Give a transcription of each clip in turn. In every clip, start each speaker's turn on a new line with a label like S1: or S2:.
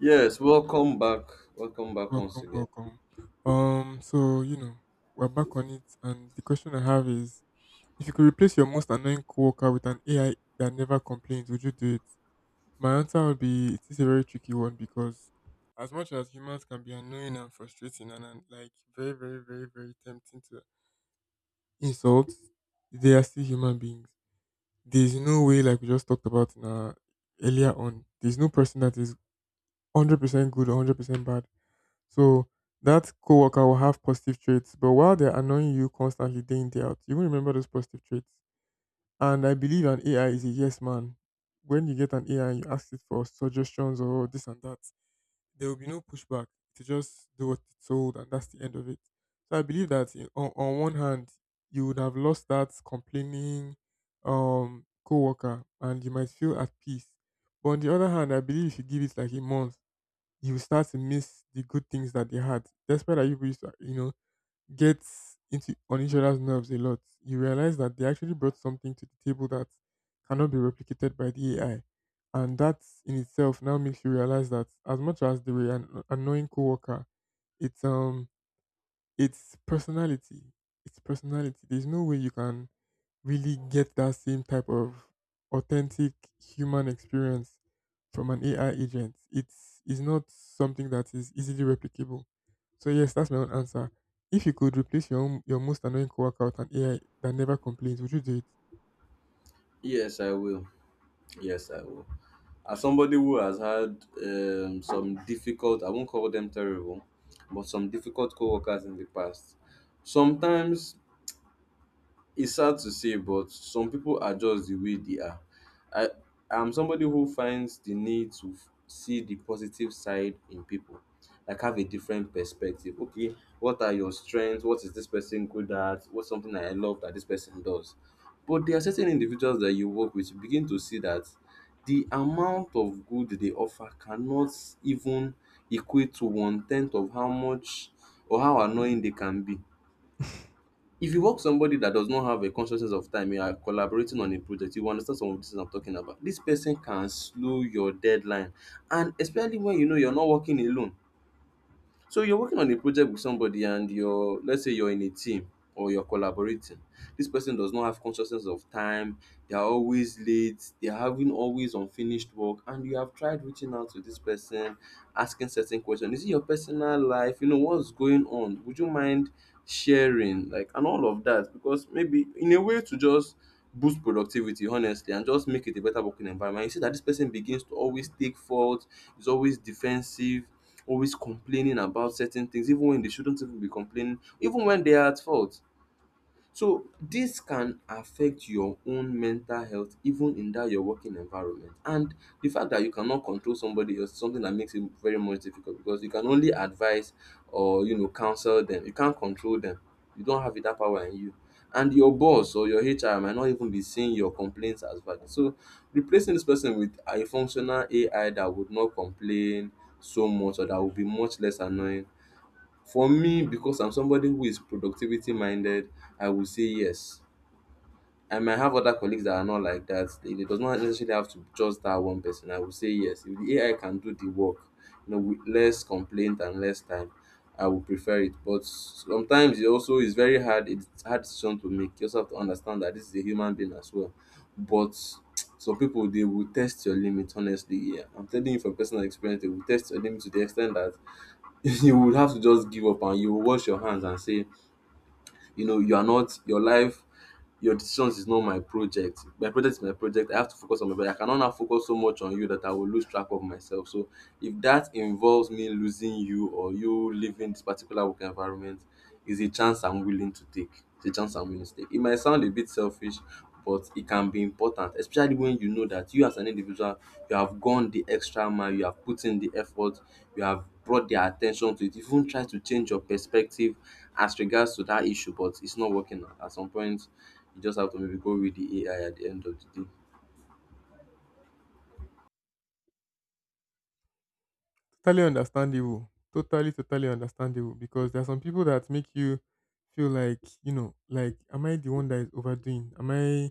S1: Yes, welcome back. Welcome back once
S2: Welcome,
S1: again.
S2: welcome. Um, so you know, we're back on it, and the question I have is: if you could replace your most annoying coworker with an AI that never complains, would you do it? My answer would be, it is a very tricky one because, as much as humans can be annoying and frustrating and like very, very, very, very tempting to insult, they are still human beings. There's no way, like we just talked about in earlier on, there's no person that is 100% good or 100% bad, so that coworker will have positive traits, but while they're annoying you constantly day in, day out, you won't remember those positive traits. And I believe an AI is a yes man. When you get an AI and you ask it for suggestions or this and that, there will be no pushback. To just do what it's told, and that's the end of it. So I believe that on one hand, you would have lost that complaining coworker, and you might feel at peace. But on the other hand, I believe if you give it like a month, you will start to miss the good things that they had. Despite that you used to get into on each other's nerves a lot, you realize that they actually brought something to the table that cannot be replicated by the AI. And that in itself now makes you realize that as much as they were an annoying coworker, it's it's personality. It's personality. There's no way you can really get that same type of authentic human experience from an AI agent. It's is not something that is easily replicable. So yes, that's my own answer. If you could replace your own, your most annoying coworker with an AI that never complains, would you do it?
S1: Yes, I will. Yes, I will. As somebody who has had some difficult, I won't call them terrible, but some difficult co workers in the past, sometimes it's sad to say, but some people are just the way they are. I I am somebody who finds the need to see the positive side in people, like have a different perspective. Okay, what are your strengths? What is this person good at? What's something that I love that this person does? But there are certain individuals that you work with, you begin to see that the amount of good they offer cannot even equate to one tenth of how much or how annoying they can be. If you work with somebody that does not have a consciousness of time, you are collaborating on a project, you will understand some of these things I'm talking about. This person can slow your deadline. And especially when you know you're not working alone. So you're working on a project with somebody and you're, let's say you're in a team or you're collaborating. This person does not have consciousness of time, they are always late, they are having always unfinished work, and you have tried reaching out to this person, asking certain questions. Is it your personal life? You know, what's going on? Would you mind sharing? Like and all of that. Because maybe in a way to just boost productivity honestly and just make it a better working environment. You see that this person begins to always take fault, is always defensive, always complaining about certain things even when they shouldn't even be complaining, even when they are at fault. So this can affect your own mental health even in that your working environment, and the fact that you cannot control somebody else is something that makes it very much difficult because you can only advise or you know counsel them, you can't control them, you don't have that power in you. And your boss or your HR might not even be seeing your complaints as valid. So replacing this person with a functional AI that would not complain so much, or that would be much less annoying, for me, because I'm somebody who is productivity minded, I would say yes. I might have other colleagues that are not like that. It does not necessarily have to be just that one person. I would say yes. If the AI can do the work, you know, with less complaint and less time, I would prefer it. But sometimes it also is very hard. It's a hard decision to make. You also have to understand that this is a human being as well. But some people, they will test your limit. Honestly, yeah, I'm telling you from personal experience, they will test your limit to the extent that you would have to just give up and you will wash your hands and say, you know, you are not, your life, your decisions is not my project. My project is my project. I have to focus on my project. I cannot now focus so much on you that I will lose track of myself. So if that involves me losing you or you leaving this particular work environment, is a chance I'm willing to take. It's a chance I'm willing to take. It might sound a bit selfish, but it can be important, especially when you know that you as an individual, you have gone the extra mile, you have put in the effort, you have brought their attention to it, even try to change your perspective as regards to that issue, but it's not working out. At some point, you just have to maybe go read the AI at the end of the day.
S2: Totally understandable. Totally, totally understandable because there are some people that make you feel like, you know, like am I the one that is overdoing? Am I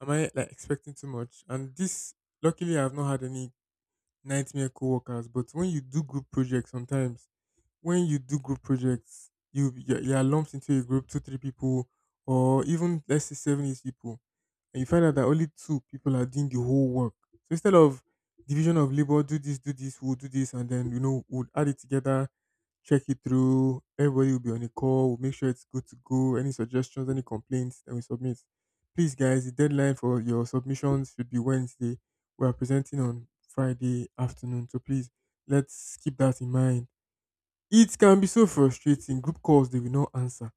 S2: am I like expecting too much? And this, luckily, I've not had any nightmare coworkers. But when you do group projects, sometimes when you do group projects, you're lumped into a group, two, three people, or even let's say seven, eight people, and you find out that only two people are doing the whole work. So instead of division of labor, do this, we'll do this, and then you know we'll add it together, check it through. Everybody will be on a call. We'll make sure it's good to go. Any suggestions, any complaints, then we submit. Please, guys, the deadline for your submissions should be Wednesday. We are presenting on Friday afternoon, so please let's keep that in mind. It can be so frustrating. Group calls they will not answer.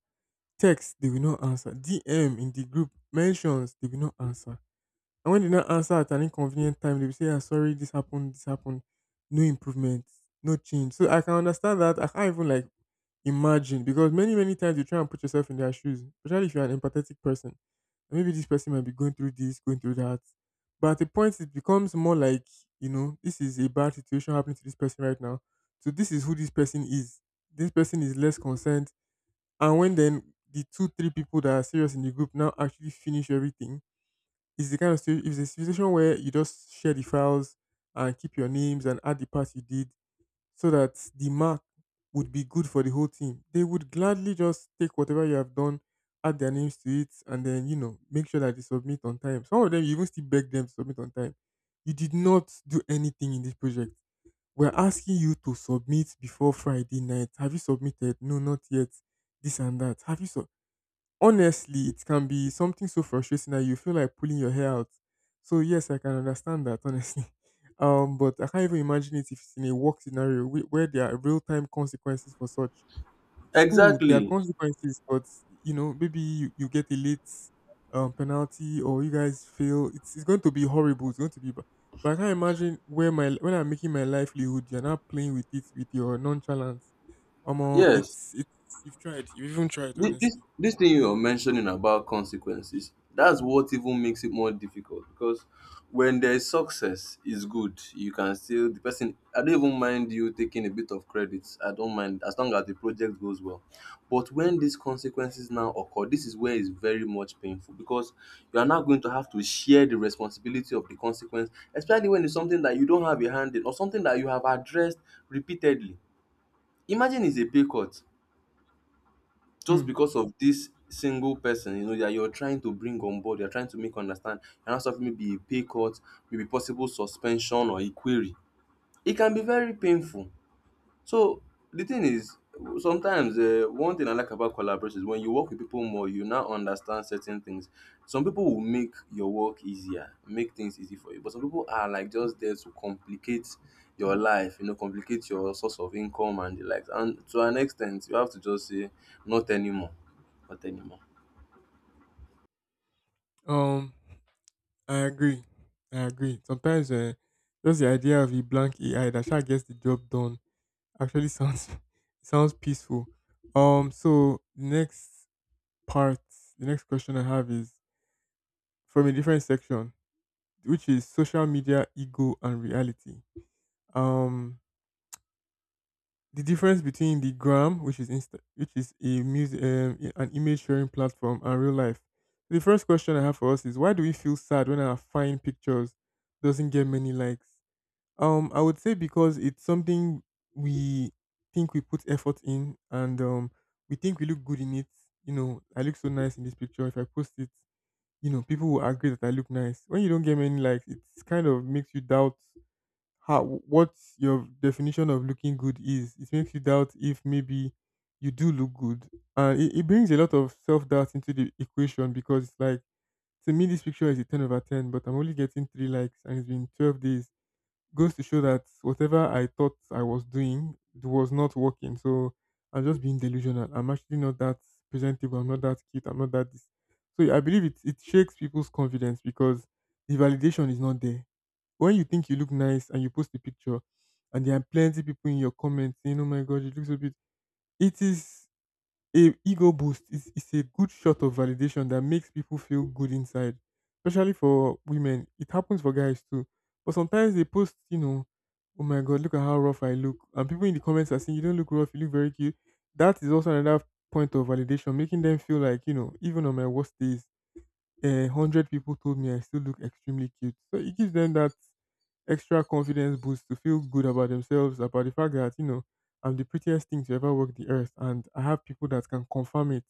S2: Text, they will not answer. DM in the group mentions they will not answer. And when they now answer at an inconvenient time, they'll say, ah, sorry, this happened, this happened. No improvement, no change. So I can understand that. I can't even like imagine because many, many times you try and put yourself in their shoes, especially if you're an empathetic person. And maybe this person might be going through this, going through that. But at a point, it becomes more like, you know, this is a bad situation happening to this person right now. So this is who this person is. This person is less concerned. And when then the two, three people that are serious in the group now actually finish everything, it's the kind of situ- it's a situation where you just share the files and keep your names and add the parts you did so that the mark would be good for the whole team. They would gladly just take whatever you have done, add their names to it, and then you know make sure that they submit on time. Some of them you even still beg them to submit on time. You did not do anything in this project. We're asking you to submit before Friday night. Have you submitted? No, not yet. This and that. Have you so Honestly, it can be something so frustrating that you feel like pulling your hair out. So yes, I can understand that honestly. But I can't even imagine it if it's in a work scenario where there are real time consequences for such. School, there are
S1: Exactly.
S2: consequences, but you know maybe you get a late penalty or you guys fail. It's going to be horrible. It's going to be. Ba- But I can't imagine where my when I'm making my livelihood, you're not playing with it with your nonchalance. Um,
S1: Yes.
S2: it's you've tried. You've even tried
S1: Thi- This
S2: honestly.
S1: this thing you're mentioning about consequences, that's what even makes it more difficult because when there's success is good, you can still the person, I don't even mind you taking a bit of credit. I don't mind as long as the project goes well. But when these consequences now occur, this is where it's very much painful because you are now going to have to share the responsibility of the consequence, especially when it's something that you don't have a hand in or something that you have addressed repeatedly. Imagine it's a pay cut
S2: Hmm.
S1: just because of this single person, you know, that you're trying to bring on board, you're trying to make understand, you're not, maybe a pay cut, maybe possible suspension or a query. It can be very painful. So the thing is, sometimes one thing I like about collaboration is when you work with people more, you now understand certain things. Some people will make your work easier, make things easy for you, but some people are like just there to complicate your life, you know, complicate your source of income and the likes. And to an extent, you have to just say, not anymore, not anymore.
S2: Um. I agree. I agree. Sometimes just the idea of a blank AI that actually gets the job done actually sounds it sounds peaceful. So part, the next question I have is from a different section, which is social media ego and reality. Um. The difference between the gram, which is Insta, which is an image sharing platform, and real life. The first question I have for us is why do we feel sad when our fine pictures doesn't get many likes? I would say because it's something we think we put effort in, and we think we look good in it. You know, I look so nice in this picture. If I post it, you know, people will agree that I look nice. When you don't get many likes, it kind of makes you doubt how what your definition of looking good is. It makes you doubt if maybe you do look good, it brings a lot of self doubt into the equation because it's like to me this picture is a 10 over 10, but I'm only getting three likes, and it's been 12 days, goes to show that whatever I thought I was doing it was not working. So I'm just being delusional. I'm actually not that presentable. I'm not that cute. I'm not that this. So I believe it shakes people's confidence because the validation is not there. When you think you look nice and you post a picture, and there are plenty people in your comments saying, "Oh my god, you look so beautiful," it is a ego is a good shot of validation that makes people feel good inside, especially for women. It happens for guys too. But sometimes they post, you know, oh my god, look at how rough I look. And people in the comments are saying, you don't look rough, you look very cute. That is also another point of validation, making them feel like, you know, even on my worst days, 100 people told me I still look extremely cute. So it gives them that extra confidence boost to feel good about themselves, about the fact that, you know, I'm the prettiest thing to ever walk the earth and I have people that can confirm it.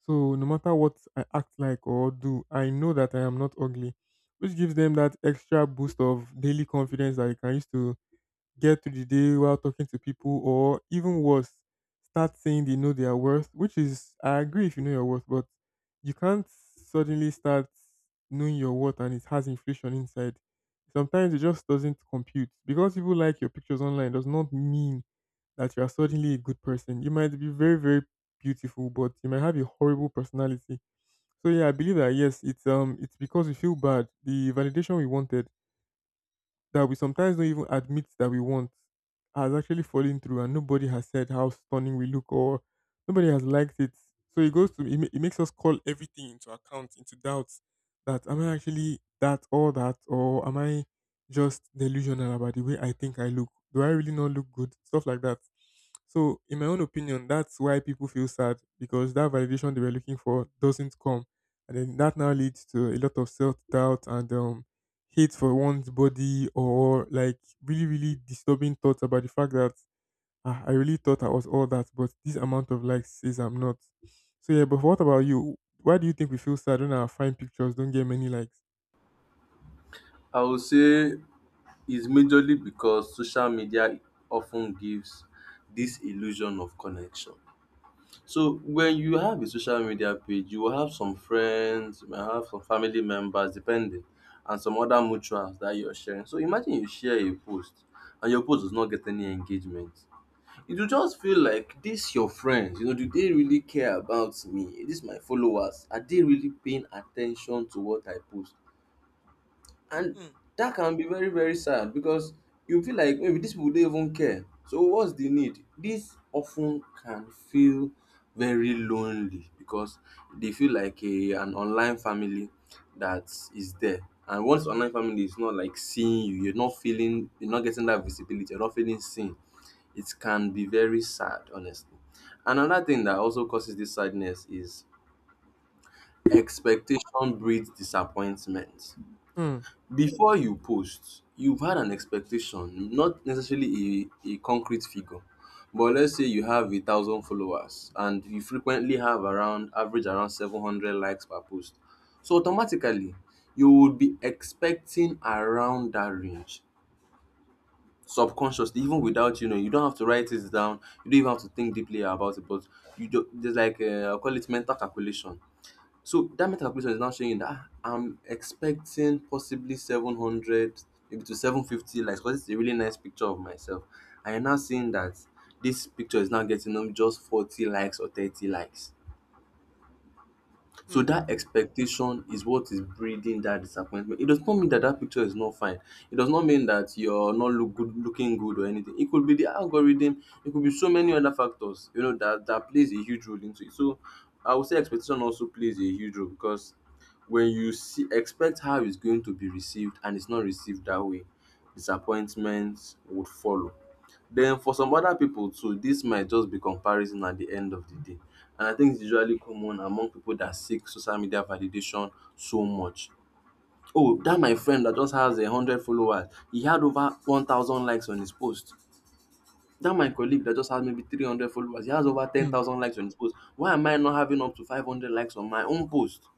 S2: So no matter what I act like or do, I know that I am not ugly, which gives them that extra boost of daily confidence that they can use to get through the day while talking to people, or even worse, start saying they know their worth, which is, I agree if you know your worth, but you can't suddenly start knowing your worth and it has inflation inside. Sometimes it just doesn't compute. Because people like your pictures online does not mean that you are suddenly a good person. You might be very, very beautiful, but you might have a horrible personality. So yeah, I believe that yes, it's it's because we feel bad. The validation we wanted that we sometimes don't even admit that we want has actually fallen through and nobody has said how stunning we look or nobody has liked it. So it goes to, it makes us call everything into account, into doubts that am I actually that or that or am I just delusional about the way I think I look? Do I really not look good? Stuff like that. So in my own opinion, that's why people feel sad because that validation they were looking for doesn't come. And then that now leads to a lot of self doubt and hate for one's body or like really, really disturbing thoughts about the fact that ah, I really thought I was all that, but this amount of likes says I'm not. So yeah, but what about you? Why do you think we feel sad when our fine pictures don't get many likes?
S1: I would say it's majorly because social media often gives this illusion of connection. So when you have a social media page, you will have some friends, you might have some family members depending, and some other mutuals that you're sharing. So imagine you share a post and your post does not get any engagement. It will just feel like this your friends, you know, do they really care about me? This my followers, are they really paying attention to what I post? And that can be very, very sad because you feel like maybe these people don't even care. So what's the need? This often can feel very lonely because they feel like a an online family that is there. And once online family is not like seeing you, you're not feeling, you're not getting that visibility, you're not feeling seen. It can be very sad, honestly. Another thing that also causes this sadness is expectation breeds disappointment.
S2: Hmm.
S1: Before you post, you've had an expectation, not necessarily a concrete figure, but let's say you have a thousand followers and you frequently have around average around 700 likes per post. So automatically, you would be expecting around that range subconsciously, even without, you know, you don't have to write it down, you don't even have to think deeply about it, but you do, there's like, I'll call it mental calculation. So that meta calculation is now showing that ah, I'm expecting possibly 700, maybe to 750 likes because it's a really nice picture of myself. I am now seeing that this picture is now getting just 40 likes or 30 likes. So
S2: Hmm.
S1: that expectation is what is breeding that disappointment. It does not mean that that picture is not fine. It does not mean that you're not look good, looking good or anything. It could be the algorithm. It could be so many other factors. You know that that plays a huge role into it. So I would say expectation also plays a huge role because when you see expect how it's going to be received and it's not received that way, disappointments would follow. Then for some other pipu too, dis might just be comparison at the end of the day, and I think it's usually common among pipu that seek social media validation so much. Oh, dat my friend that just has hundred followers e had over 1,000 likes on his post, dat my colleague that just has maybe 300 followers e has over ten
S2: Hmm.
S1: thousand likes on his post, why am I not having up to 500 likes on my own post?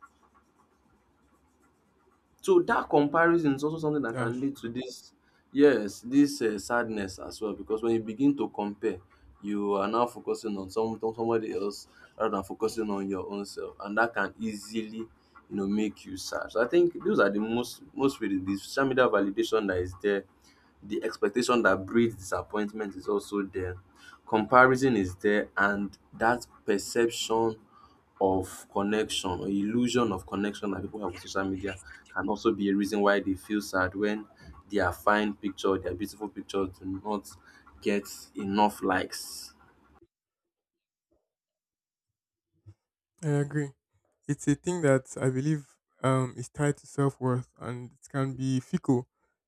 S1: So that comparison is also something that
S2: That's
S1: can lead to this, yes, this sadness as well. Because when you begin to compare, you are now focusing on some on somebody else rather than focusing on your own self, and that can easily, you know, make you sad. So I think those are the most, most really the social media validation that is there. The expectation that breeds disappointment is also there. Comparison is there, and that perception of connection or illusion of connection that people have on social media can also be a reason why they feel sad when their fine picture, their beautiful picture do not get enough likes.
S2: I agree. It's a thing that I believe is tied to self worth, and it can be fickle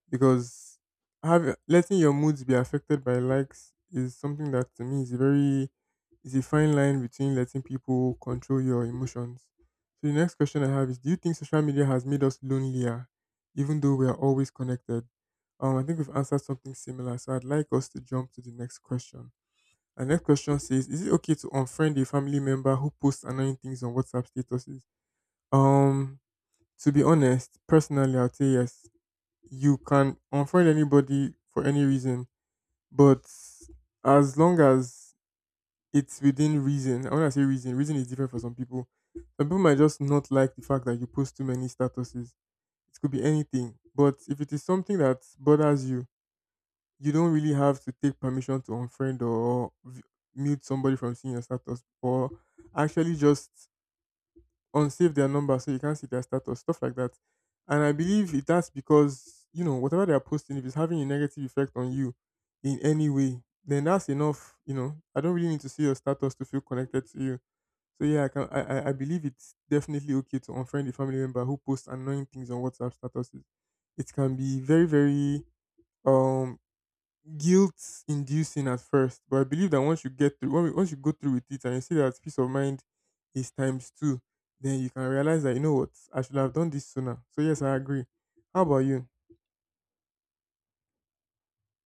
S2: because letting your moods be affected by likes is something that to me is a very is a fine line between letting people control your emotions. So the next question I have is: do you think social media has made us lonelier, even though we are always connected? I think we've answered something similar, so I'd like us to jump to the next question. Our next question says, is it okay to unfriend a family member who posts annoying things on WhatsApp statuses? Um, to be honest, personally, I'll say yes. You can unfriend anybody for any reason, but as long as it's within reason, and when I say reason, reason is different for some people. Some people might just not like the fact that you post too many statuses. It could be anything, but if it is something that bothers you, you don't really have to take permission to unfriend or mute somebody from seeing your status, or actually just unsave their number so you can't see their status, stuff like that. And I believe it, that's because, you know, whatever they're posting, if it's having a negative effect on you in any way, then that's enough. I don't really need to see your status to feel connected to you. So yeah, I can I believe it's definitely okay to unfriend a family member who posts annoying things on WhatsApp statuses. It can be very, very um guilt inducing at first, but I believe that once you get through, once you go through with it and you see that peace of mind is times two, then you can realize that, you know what, I should have done this sooner. So, yes, I agree. How about you?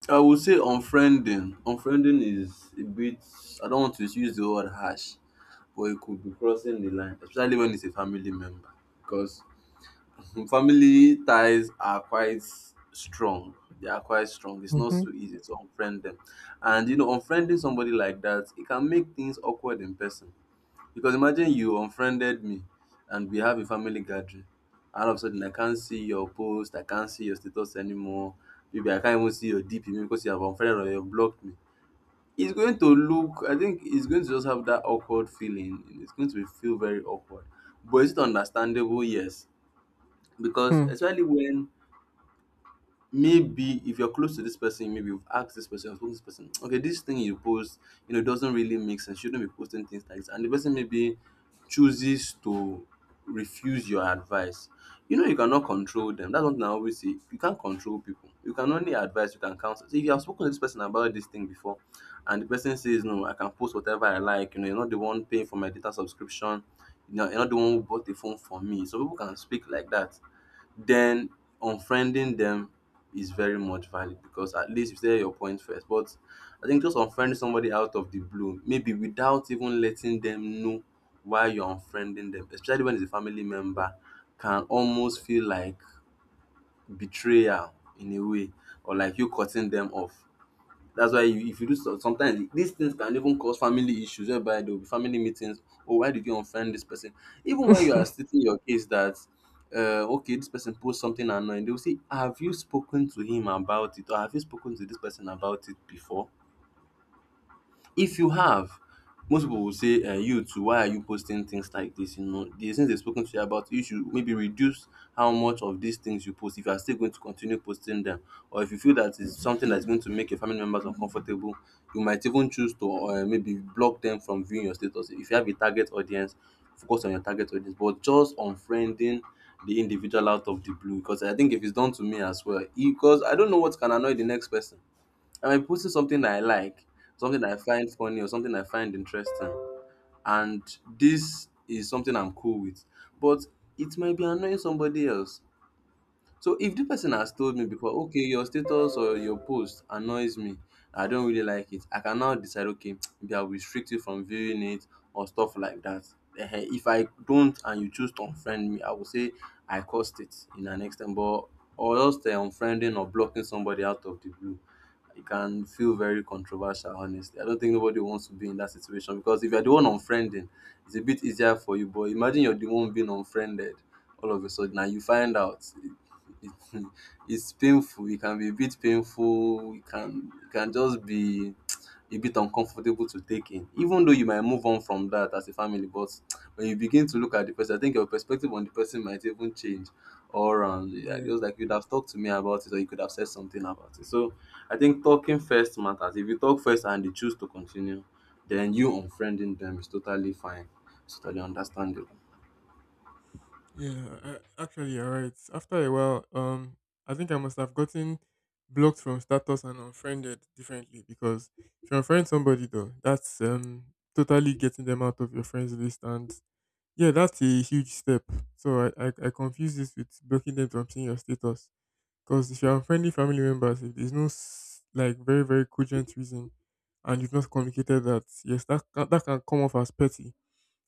S1: I would say unfriending. Unfriending is a bit, I don't want to use the word harsh, but it could be crossing the line, especially when it's a family member because, Mm, family ties are quite strong. They are quite strong. It's not
S2: Mm-hmm.
S1: so easy to unfriend them. And you know, unfriending somebody like that, it can make things awkward in person. Because imagine you unfriended me and we have a family gathering. All of a sudden I can't see your post, I can't see your status anymore. Maybe I can't even see your DP maybe because you have unfriended or you've blocked me. It's going to look I think it's going to just have that awkward feeling. It's going to feel very awkward. But is it understandable? Yes, because
S2: Hmm.
S1: especially when maybe if you're close to this person, maybe you've asked this person, you've spoken to this person, okay, this thing you post, you know, doesn't really make sense, shouldn't be posting things like this, and the person maybe chooses to refuse your advice. You know, you cannot control them. That's one thing I always say: you can't control people, you can only advise, you can counsel. So if you have spoken to this person about this thing before and the person says, no, I can post whatever I like, you know, you're not the one paying for my data subscription, you know, you're not the one who bought the phone for me. So people can speak like that. Then unfriending them is very much valid because at least you say your point first. But I think just unfriending somebody out of the blue, maybe without even letting them know why you're unfriending them, especially when it's a family member, can almost feel like betrayal, in a way, or like you cutting them off. That's why you if you do some sometimes these things can even cause family issues, whereby there will be family meetings. Oh, why did you unfriend this person? Even when you are stating your case that okay, this person posts something annoying, they will say, have you spoken to him about it? Or have you spoken to this person about it before? If you have, most people will say, you too, why are you posting things like this? You know, the things they've spoken to you about, you should maybe reduce how much of these things you post. If you are still going to continue posting them, or if you feel that it's something that's going to make your family members uncomfortable, you might even choose to maybe block them from viewing your status. If you have a target audience, focus on your target audience. But just unfriending the individual out of the blue, because I think if it's done to me as well, e, because I don't know what can annoy the next person. I'm posting something I like, something I find funny, or something I find interesting. And this is something I'm cool with. But it might be annoying somebody else. So if the person has told me before, okay, your status or your post annoys me, I don't really like it, I can now decide, okay, maybe I'll restrict you from viewing it or stuff like that. Ehen, if I don't and you choose to unfriend me, I will say I caused it in an extent. But, or else, the unfriending or blocking somebody out of the blue, it can feel very controversial, honestly. I don't think nobody wants to be in that situation because if you're the one unfriending, it's a bit easier for you. But imagine you're the one being unfriended all of a sudden and you find out it's painful, it can be a bit painful, it can just be a bit uncomfortable to take in, even though you might move on from that as a family. But when you begin to look at the person, I think your perspective on the person might even change. Or round. Yeah,
S2: Yeah,
S1: just like you'd have talked to me about it, or you could have said something about it. So I think talking first matters. If you talk first and they choose to continue, then you unfriending them is totally fine. It's totally understandable.
S2: yeah. Actually, you're right. After a while, I think I must have gotten blocked from status and unfriended differently, because if you unfriend somebody though, that's totally getting them out of your friends list, and yeah, that's a huge step. So I confuse this with blocking them from seeing your status. Because if you're unfriendly family members, if there's no s- like very very cogent reason, and you've not communicated that, yes, that can come off as petty.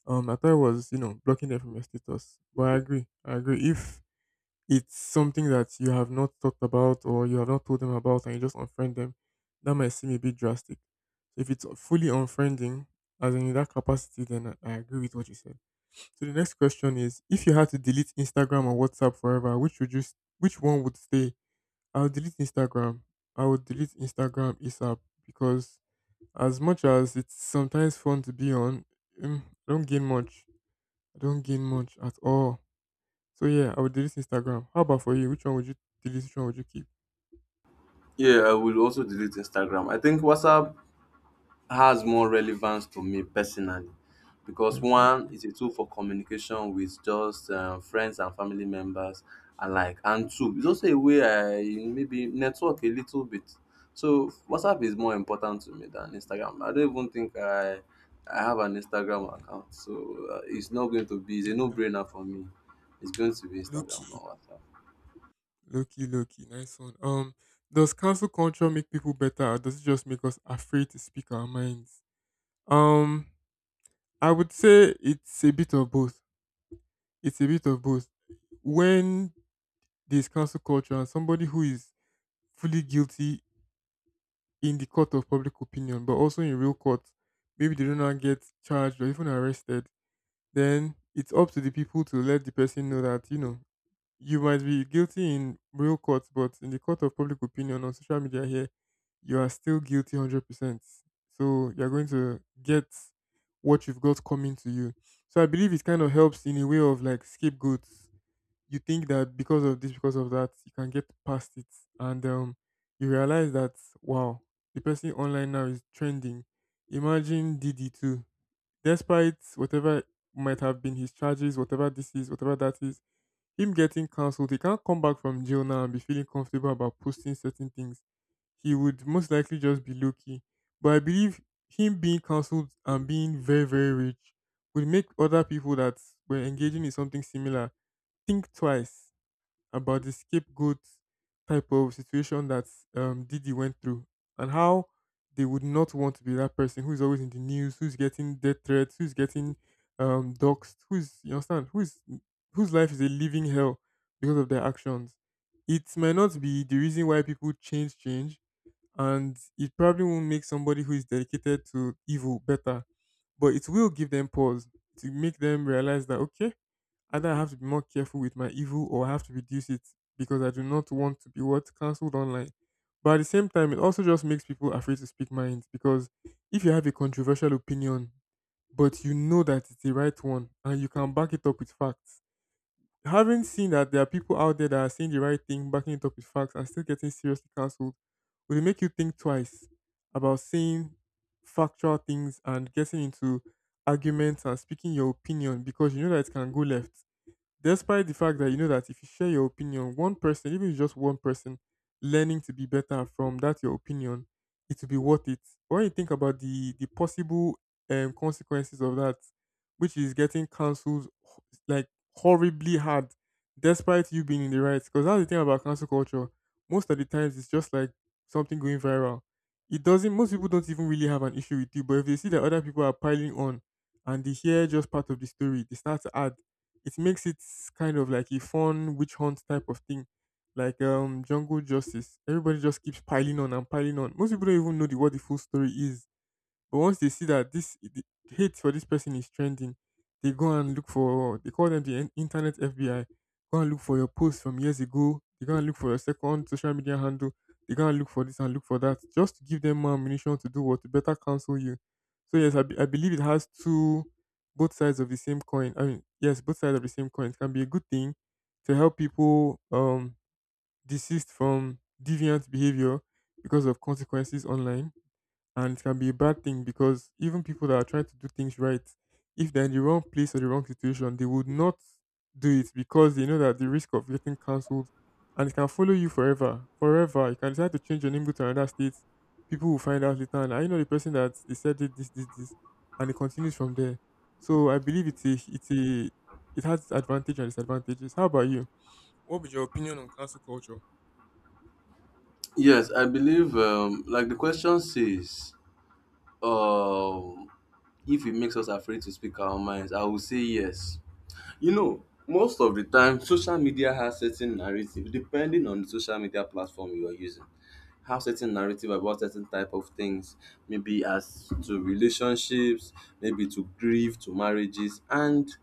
S2: I thought it was blocking them from your status, but I agree. I agree. If it's something that you have not talked about or you have not told them about, and you just unfriend them, that might seem a bit drastic. So if it's fully unfriending, as in that capacity, then I agree with what you said. So the next question is, if you had to delete Instagram or WhatsApp forever, which would which one would stay? I'll delete Instagram. I would delete Instagram ASAP because as much as it's sometimes fun to be on, I don't gain much. I don't gain much at all. So yeah, I would delete Instagram. How about for you? Which one would you delete? Which one would you keep?
S1: Yeah, I will also delete Instagram. I think WhatsApp has more relevance to me personally because one
S2: Exactly.
S1: is a tool for communication with just friends and family members alike, and two, it's also a way I maybe network a little bit. So WhatsApp is more important to me than Instagram. I don't even think I have an Instagram account, so it's not going to be, it's a
S2: Uh-uh.
S1: no-brainer for me. It's going to be
S2: Low
S1: Instagram,
S2: key.
S1: not WhatsApp.
S2: Low key, low key. Nice one. Does cancel culture make people better, or does it just make us afraid to speak our minds? Um I would say it's a bit of both. It's a bit of both. When there's cancel culture and somebody who is fully guilty in the court of public opinion, but also in real court, maybe they do not get charged or even arrested, then it's up to the people to let the person know that, you know, you might be guilty in real court, but in the court of public opinion on social media here, you are still guilty 100%. So you're going to get what you've got coming to you. So I believe it kind of helps in a way of like scapegoats. You think that because of this, because of that, you can get past it. And you realize that, wow, the person online now is trending. Imagine Diddy too. Despite whatever might have been his charges, whatever this is, whatever that is, him getting cancelled, he can't come back from jail now and be feeling comfortable about posting certain things. He would most likely just be low key. But I believe him being cancelled and being very, very rich would make other people that were engaging in something similar think twice about the scapegoat type of situation that Didi went through, and how they would not want to be that person who's always in the news, who's getting death threats, who's getting doxxed, who's, you understand, who's, whose life is a living hell because of their actions. It may not be the reason why people change, and it probably won't make somebody who is dedicated to evil better, but it will give them pause to make them realize that, okay, either I have to be more careful with my evil or I have to reduce it because I do not want to be what? Cancelled online. But at the same time, it also just makes people afraid to speak minds, because if you have a controversial opinion, but you know that it's the right one and you can back it up with facts. Having seen that there are people out there that are saying the right thing, backing it up with facts, and still getting seriously cancelled, will it make you think twice about saying factual things and getting into arguments and speaking your opinion, because you know that it can go left? Despite the fact that you know that if you share your opinion, one person, even if it's just one person, learning to be better from that your opinion, it will be worth it. But when you think about the possible consequences of that, which is getting cancelled like horribly hard, despite you being in the right, because that's the thing about cancel culture. Most of the times, it's just like something going viral. It doesn't. Most people don't even really have an issue with you, but if they see that other people are piling on, and they hear just part of the story, they start to add it makes it kind of like a fun witch hunt type of thing. Like Jungle Justice. Everybody just keeps piling on and piling on. Most people don't even know what the full story is, but once they see that this the hate for this person is trending, they go and look for they call them the internet FBI. Go and look for your post from years ago. They go and look for your second social media handle. They go and look for this and look for that, just to give them more ammunition to do what to better counsel you. So yes, I believe it has two both sides of the same coin. I mean, yes, both sides of the same coin. It can be a good thing to help people desist from deviant behavior because of consequences online, and it can be a bad thing because even people that are trying to do things right, if they're in the wrong place or the wrong situation, they would not do it because they know that the risk of getting cancelled and it can follow you forever. Forever. You can decide to change your name, go to another state. People will find out later and I know the person that they said did this, this, this, and it continues from there. So I believe it's a it has its advantage and disadvantages. How about you? What would your opinion on cancel culture?
S1: Yes, I believe, like the question says, um if it makes us afraid to speak our minds, I will say yes. You know, most of the time social media has certain narrative, depending on the social media platform you are using, have certain narrative about certain type of things, maybe as to relationships, maybe to grief, to marriages. And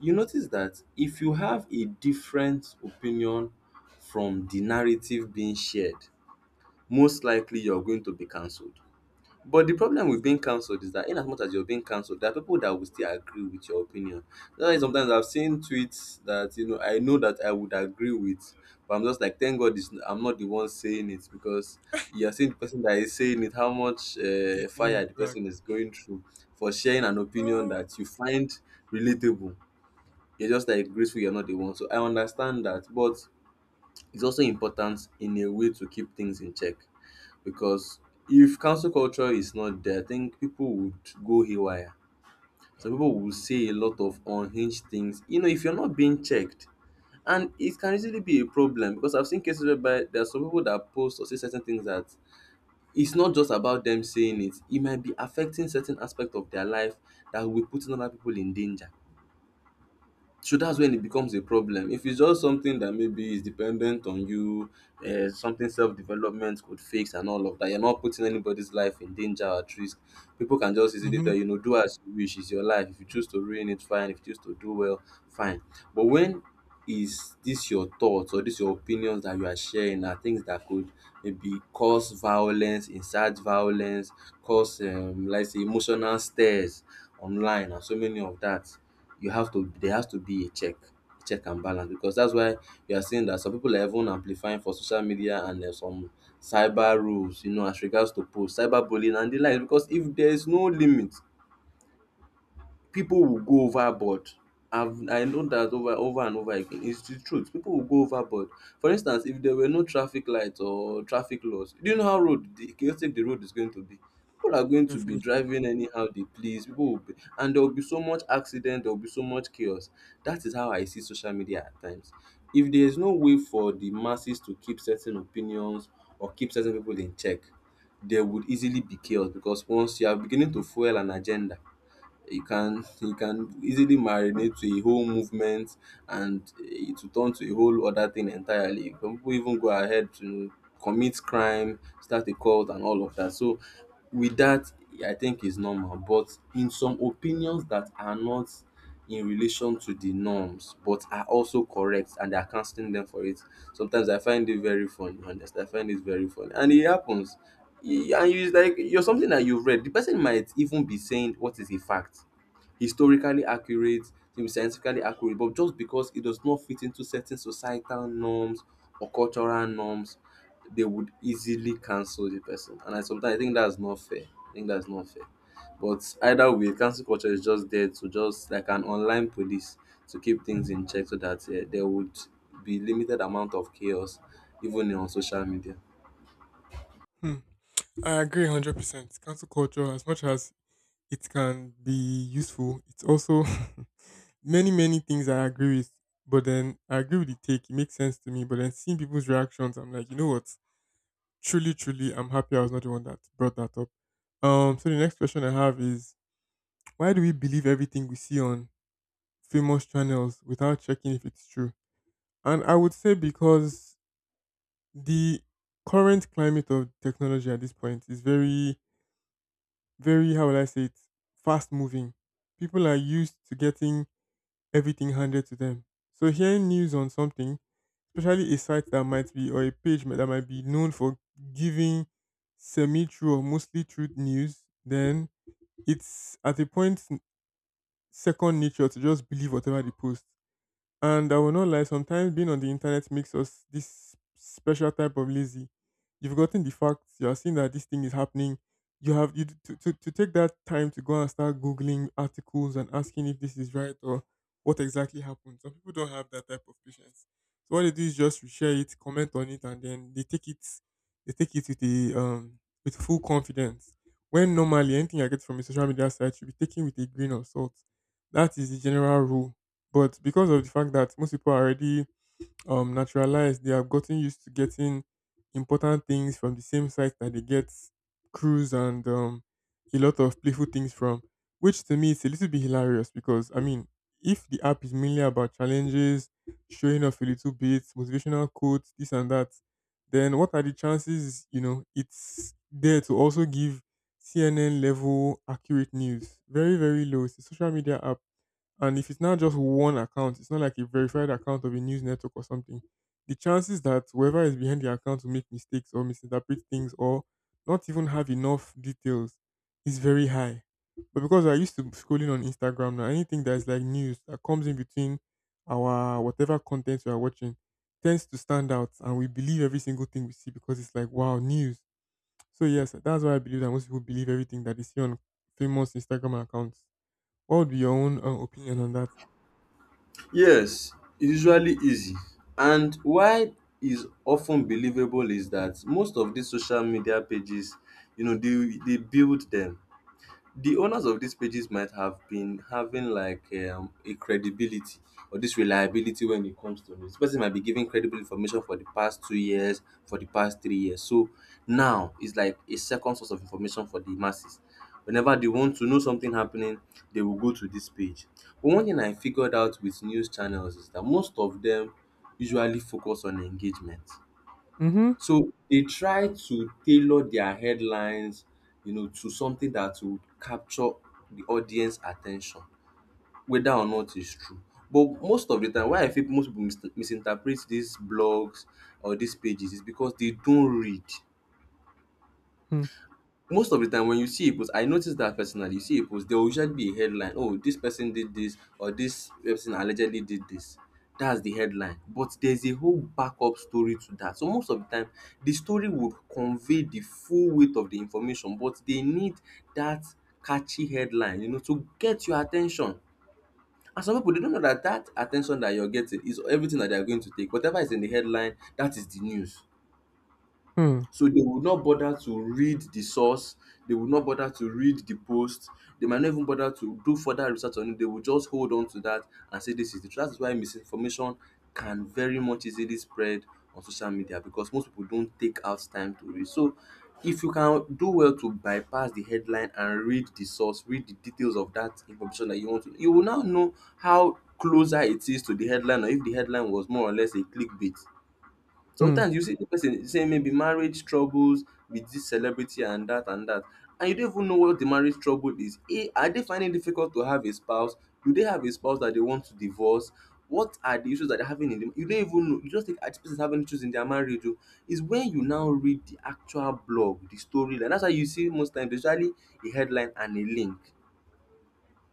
S1: you notice that if you have a different opinion from the narrative being shared, most likely you're going to be cancelled. But the problem with being
S2: Exactly
S1: cancelled is that, in as much as you're being cancelled, there are people that will still agree with your opinion. That's why sometimes I've seen tweets that, you know, I know that I would agree with, but I'm just like, thank God, I'm not the one saying it, because you're seeing the person that is saying it, how much fire
S2: getting
S1: the
S2: dragged.
S1: person is going through for sharing an opinion
S2: Ah,
S1: that you find relatable. You're just like grateful you're not the one. So I understand that, but it's also important in a way to keep things in check, because if cancel culture is not there, I think people would go haywire. Some people will say a lot of unhinged things, you know, if you're not being checked. And it can easily be a problem, because I've seen cases whereby there are some people that post or say certain things that, it's not just about them saying it, it might be affecting certain aspect of their life, that will be putting other people in danger. So that's when it becomes a problem. If it's just something that maybe is dependent on you, something self development could fix and all of that, you're not putting anybody's life in danger or at risk. People can just easily tell
S2: mhm,
S1: you, know, do as you wish, it's your life. If you choose to ruin it, fine. If you choose to do well, fine. But when is this your thoughts or this your opinions that you are sharing are things that could maybe cause violence, incite violence, cause like say, emotional stares online and so many of that, you have to, there has to be a check, check and balance. Because that's why you are seeing that some people are even amplifying for social media, and there's some cyber rules, you know, as regards to post cyber bullying and the likes, because if there is no limit, people will go overboard. I know that over over and over again. It's the truth. People will go overboard. For instance, if there were no traffic lights or traffic laws, do you know how road the chaotic the road is going to be? People are going to be
S2: definitely.
S1: driving anyhow they please. People will be, and there will be so much accident. There will be so much chaos. That is how I see social media at times. If there is no way for the masses to keep certain opinions or keep certain people in check, there would easily be chaos, because once you are beginning to fuel an agenda, you can easily marinate to a whole movement, and it will turn to a whole other thing entirely. Some people even go ahead to commit crime, start a cult, and all of that. So, with that, I think is normal. But in some opinions that are not in relation to the norms but are also correct, and they are canceling them for it. Sometimes I find it very funny, honestly. I find it very funny. And it happens. E- and you like you're something that you've read. The person might even be saying what is a fact. Historically accurate, to scientifically accurate, but just because it does not fit into certain societal norms or cultural norms, they would easily cancel the person. And I sometimes I think that's not fair. I think that's not fair. But either way, cancel culture is just there to, just like an online police, to keep things in check so that there would be limited amount of chaos, even on social media.
S2: Hmm. I agree 100%. Cancel culture, as much as it can be useful, it's also many, many things I agree with. But then I agree with the take. It makes sense to me. But then seeing people's reactions, I'm like, you know what? Truly, truly, I'm happy I was not the one that brought that up. So the next question I have is why do we believe everything we see on famous channels without checking if it's true? And I would say because the current climate of technology at this point is very very how will I say it, fast moving. People are used to getting everything handed to them. So hearing news on something, especially a site that might be or a page that might be known for giving semi-true or mostly true news, then it's at a second nature to just believe whatever they post. And I will not lie, sometimes being on the internet makes us this special type of lazy. You've gotten the facts, you are seeing that this thing is happening. You have to take that time to go and start Googling articles and asking if this is right or what exactly happened. Some people don't have that type of patience. So what they do is just share it, comment on it, and then they take it with a with full confidence. When normally anything I get from a social media site should be taken with a grain of salt. That is the general rule, but because of the fact that most people are already naturalized, they have gotten used to getting important things from the same site that they get cruise and a lot of playful things from, which to me is a little bit hilarious, because I mean, if the app is mainly about challenges, showing off a little bit, motivational quotes, this and that, then what are the chances? You know, it's there to also give CNN level accurate news. Very very low. It's a social media app, and if it's not just one account, it's not like a verified account of a news network or something. The chances that whoever is behind the account will make mistakes or misinterpret things or not even have enough details is very high. But because I used to scrolling on Instagram now, anything that's like news that comes in between our whatever content we are watching tends to stand out, and we believe every single thing we see because it's like, wow, news. So, yes, that's why I believe that most people believe everything that they see on famous Instagram accounts. What would be your own opinion on that?
S1: Yes, it's usually easy. And why is often believable is that most of these social media pages, you know, they build them. The owners of these pages might have been having like a credibility or this reliability when it comes to news. This person might be giving credible information for the past 2 years, for the past 3 years. So now it's like a second source of information for the masses. Whenever they want to know something happening, they will go to this page. But one thing I figured out with news channels is that most of them usually focus on engagement.
S2: Mm-hmm.
S1: So they try to tailor their headlines, you know, to something that will capture the audience attention, whether or not it's true. But most of the time, why I think most people misinterpret these blogs or these pages is because they don't read.
S2: Hmm.
S1: Most of the time when you see a post, I notice that, personally, you see a post, there will usually be a headline, oh, this person did this, or this person allegedly did this. That's the headline. But there's a whole backup story to that. So most of the time, the story would convey the full weight of the information, but they need that catchy headline, you know, to get your attention. And some people, they don't know that that attention that you're getting is everything that they're going to take, whatever is in the headline, that is the news.
S2: Hmm.
S1: So they would not bother to read the source, they would not bother to read the post, they might not even bother to do further research on it. They will just hold on to that and say this is the truth. That is why misinformation can very much easily spread on social media, because most people don't take out time to read. So if you can do well to bypass the headline and read the source, read the details of that information that you want to, you will now know how closer it is to the headline, or if the headline was more or less a clickbait.
S2: Hmm.
S1: Sometimes you see the person saying, maybe, marriage troubles with this celebrity and that and that, and you don't even know what the marriage trouble is. A, are they finding it difficult to have a spouse? Do they have a spouse that they want to divorce? What are the issues that they're having in them? You don't even know. You just think, "Ah, this person's having issues in their marriage. Oh." It's when you now read the actual blog, the story. And that's why you see most times, usually a headline and a link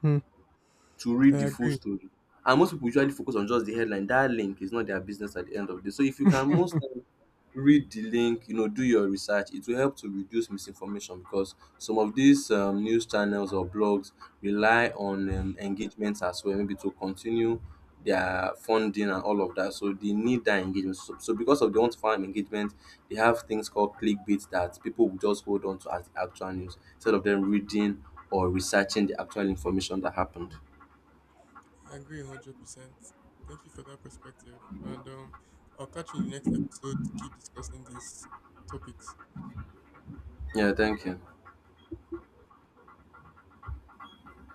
S2: Hmm.
S1: to
S2: I
S1: read the full
S2: agree.
S1: story. And most people usually focus on just the headline. That link is not their business at the end of the day. So if you can, most times, read the link, you know, do your research, it will help to reduce misinformation. Because some of these news channels or blogs rely on engagements as well, maybe to continue their funding and all of that. So they need that engagement. So, because of the want to find engagement, they have things called clickbait that people will just hold on to as the actual news, instead of them reading or researching the actual information that happened.
S2: I agree 100%. Thank you for that perspective. And I'll catch you in the next episode to keep discussing these topics.
S1: Yeah, thank you.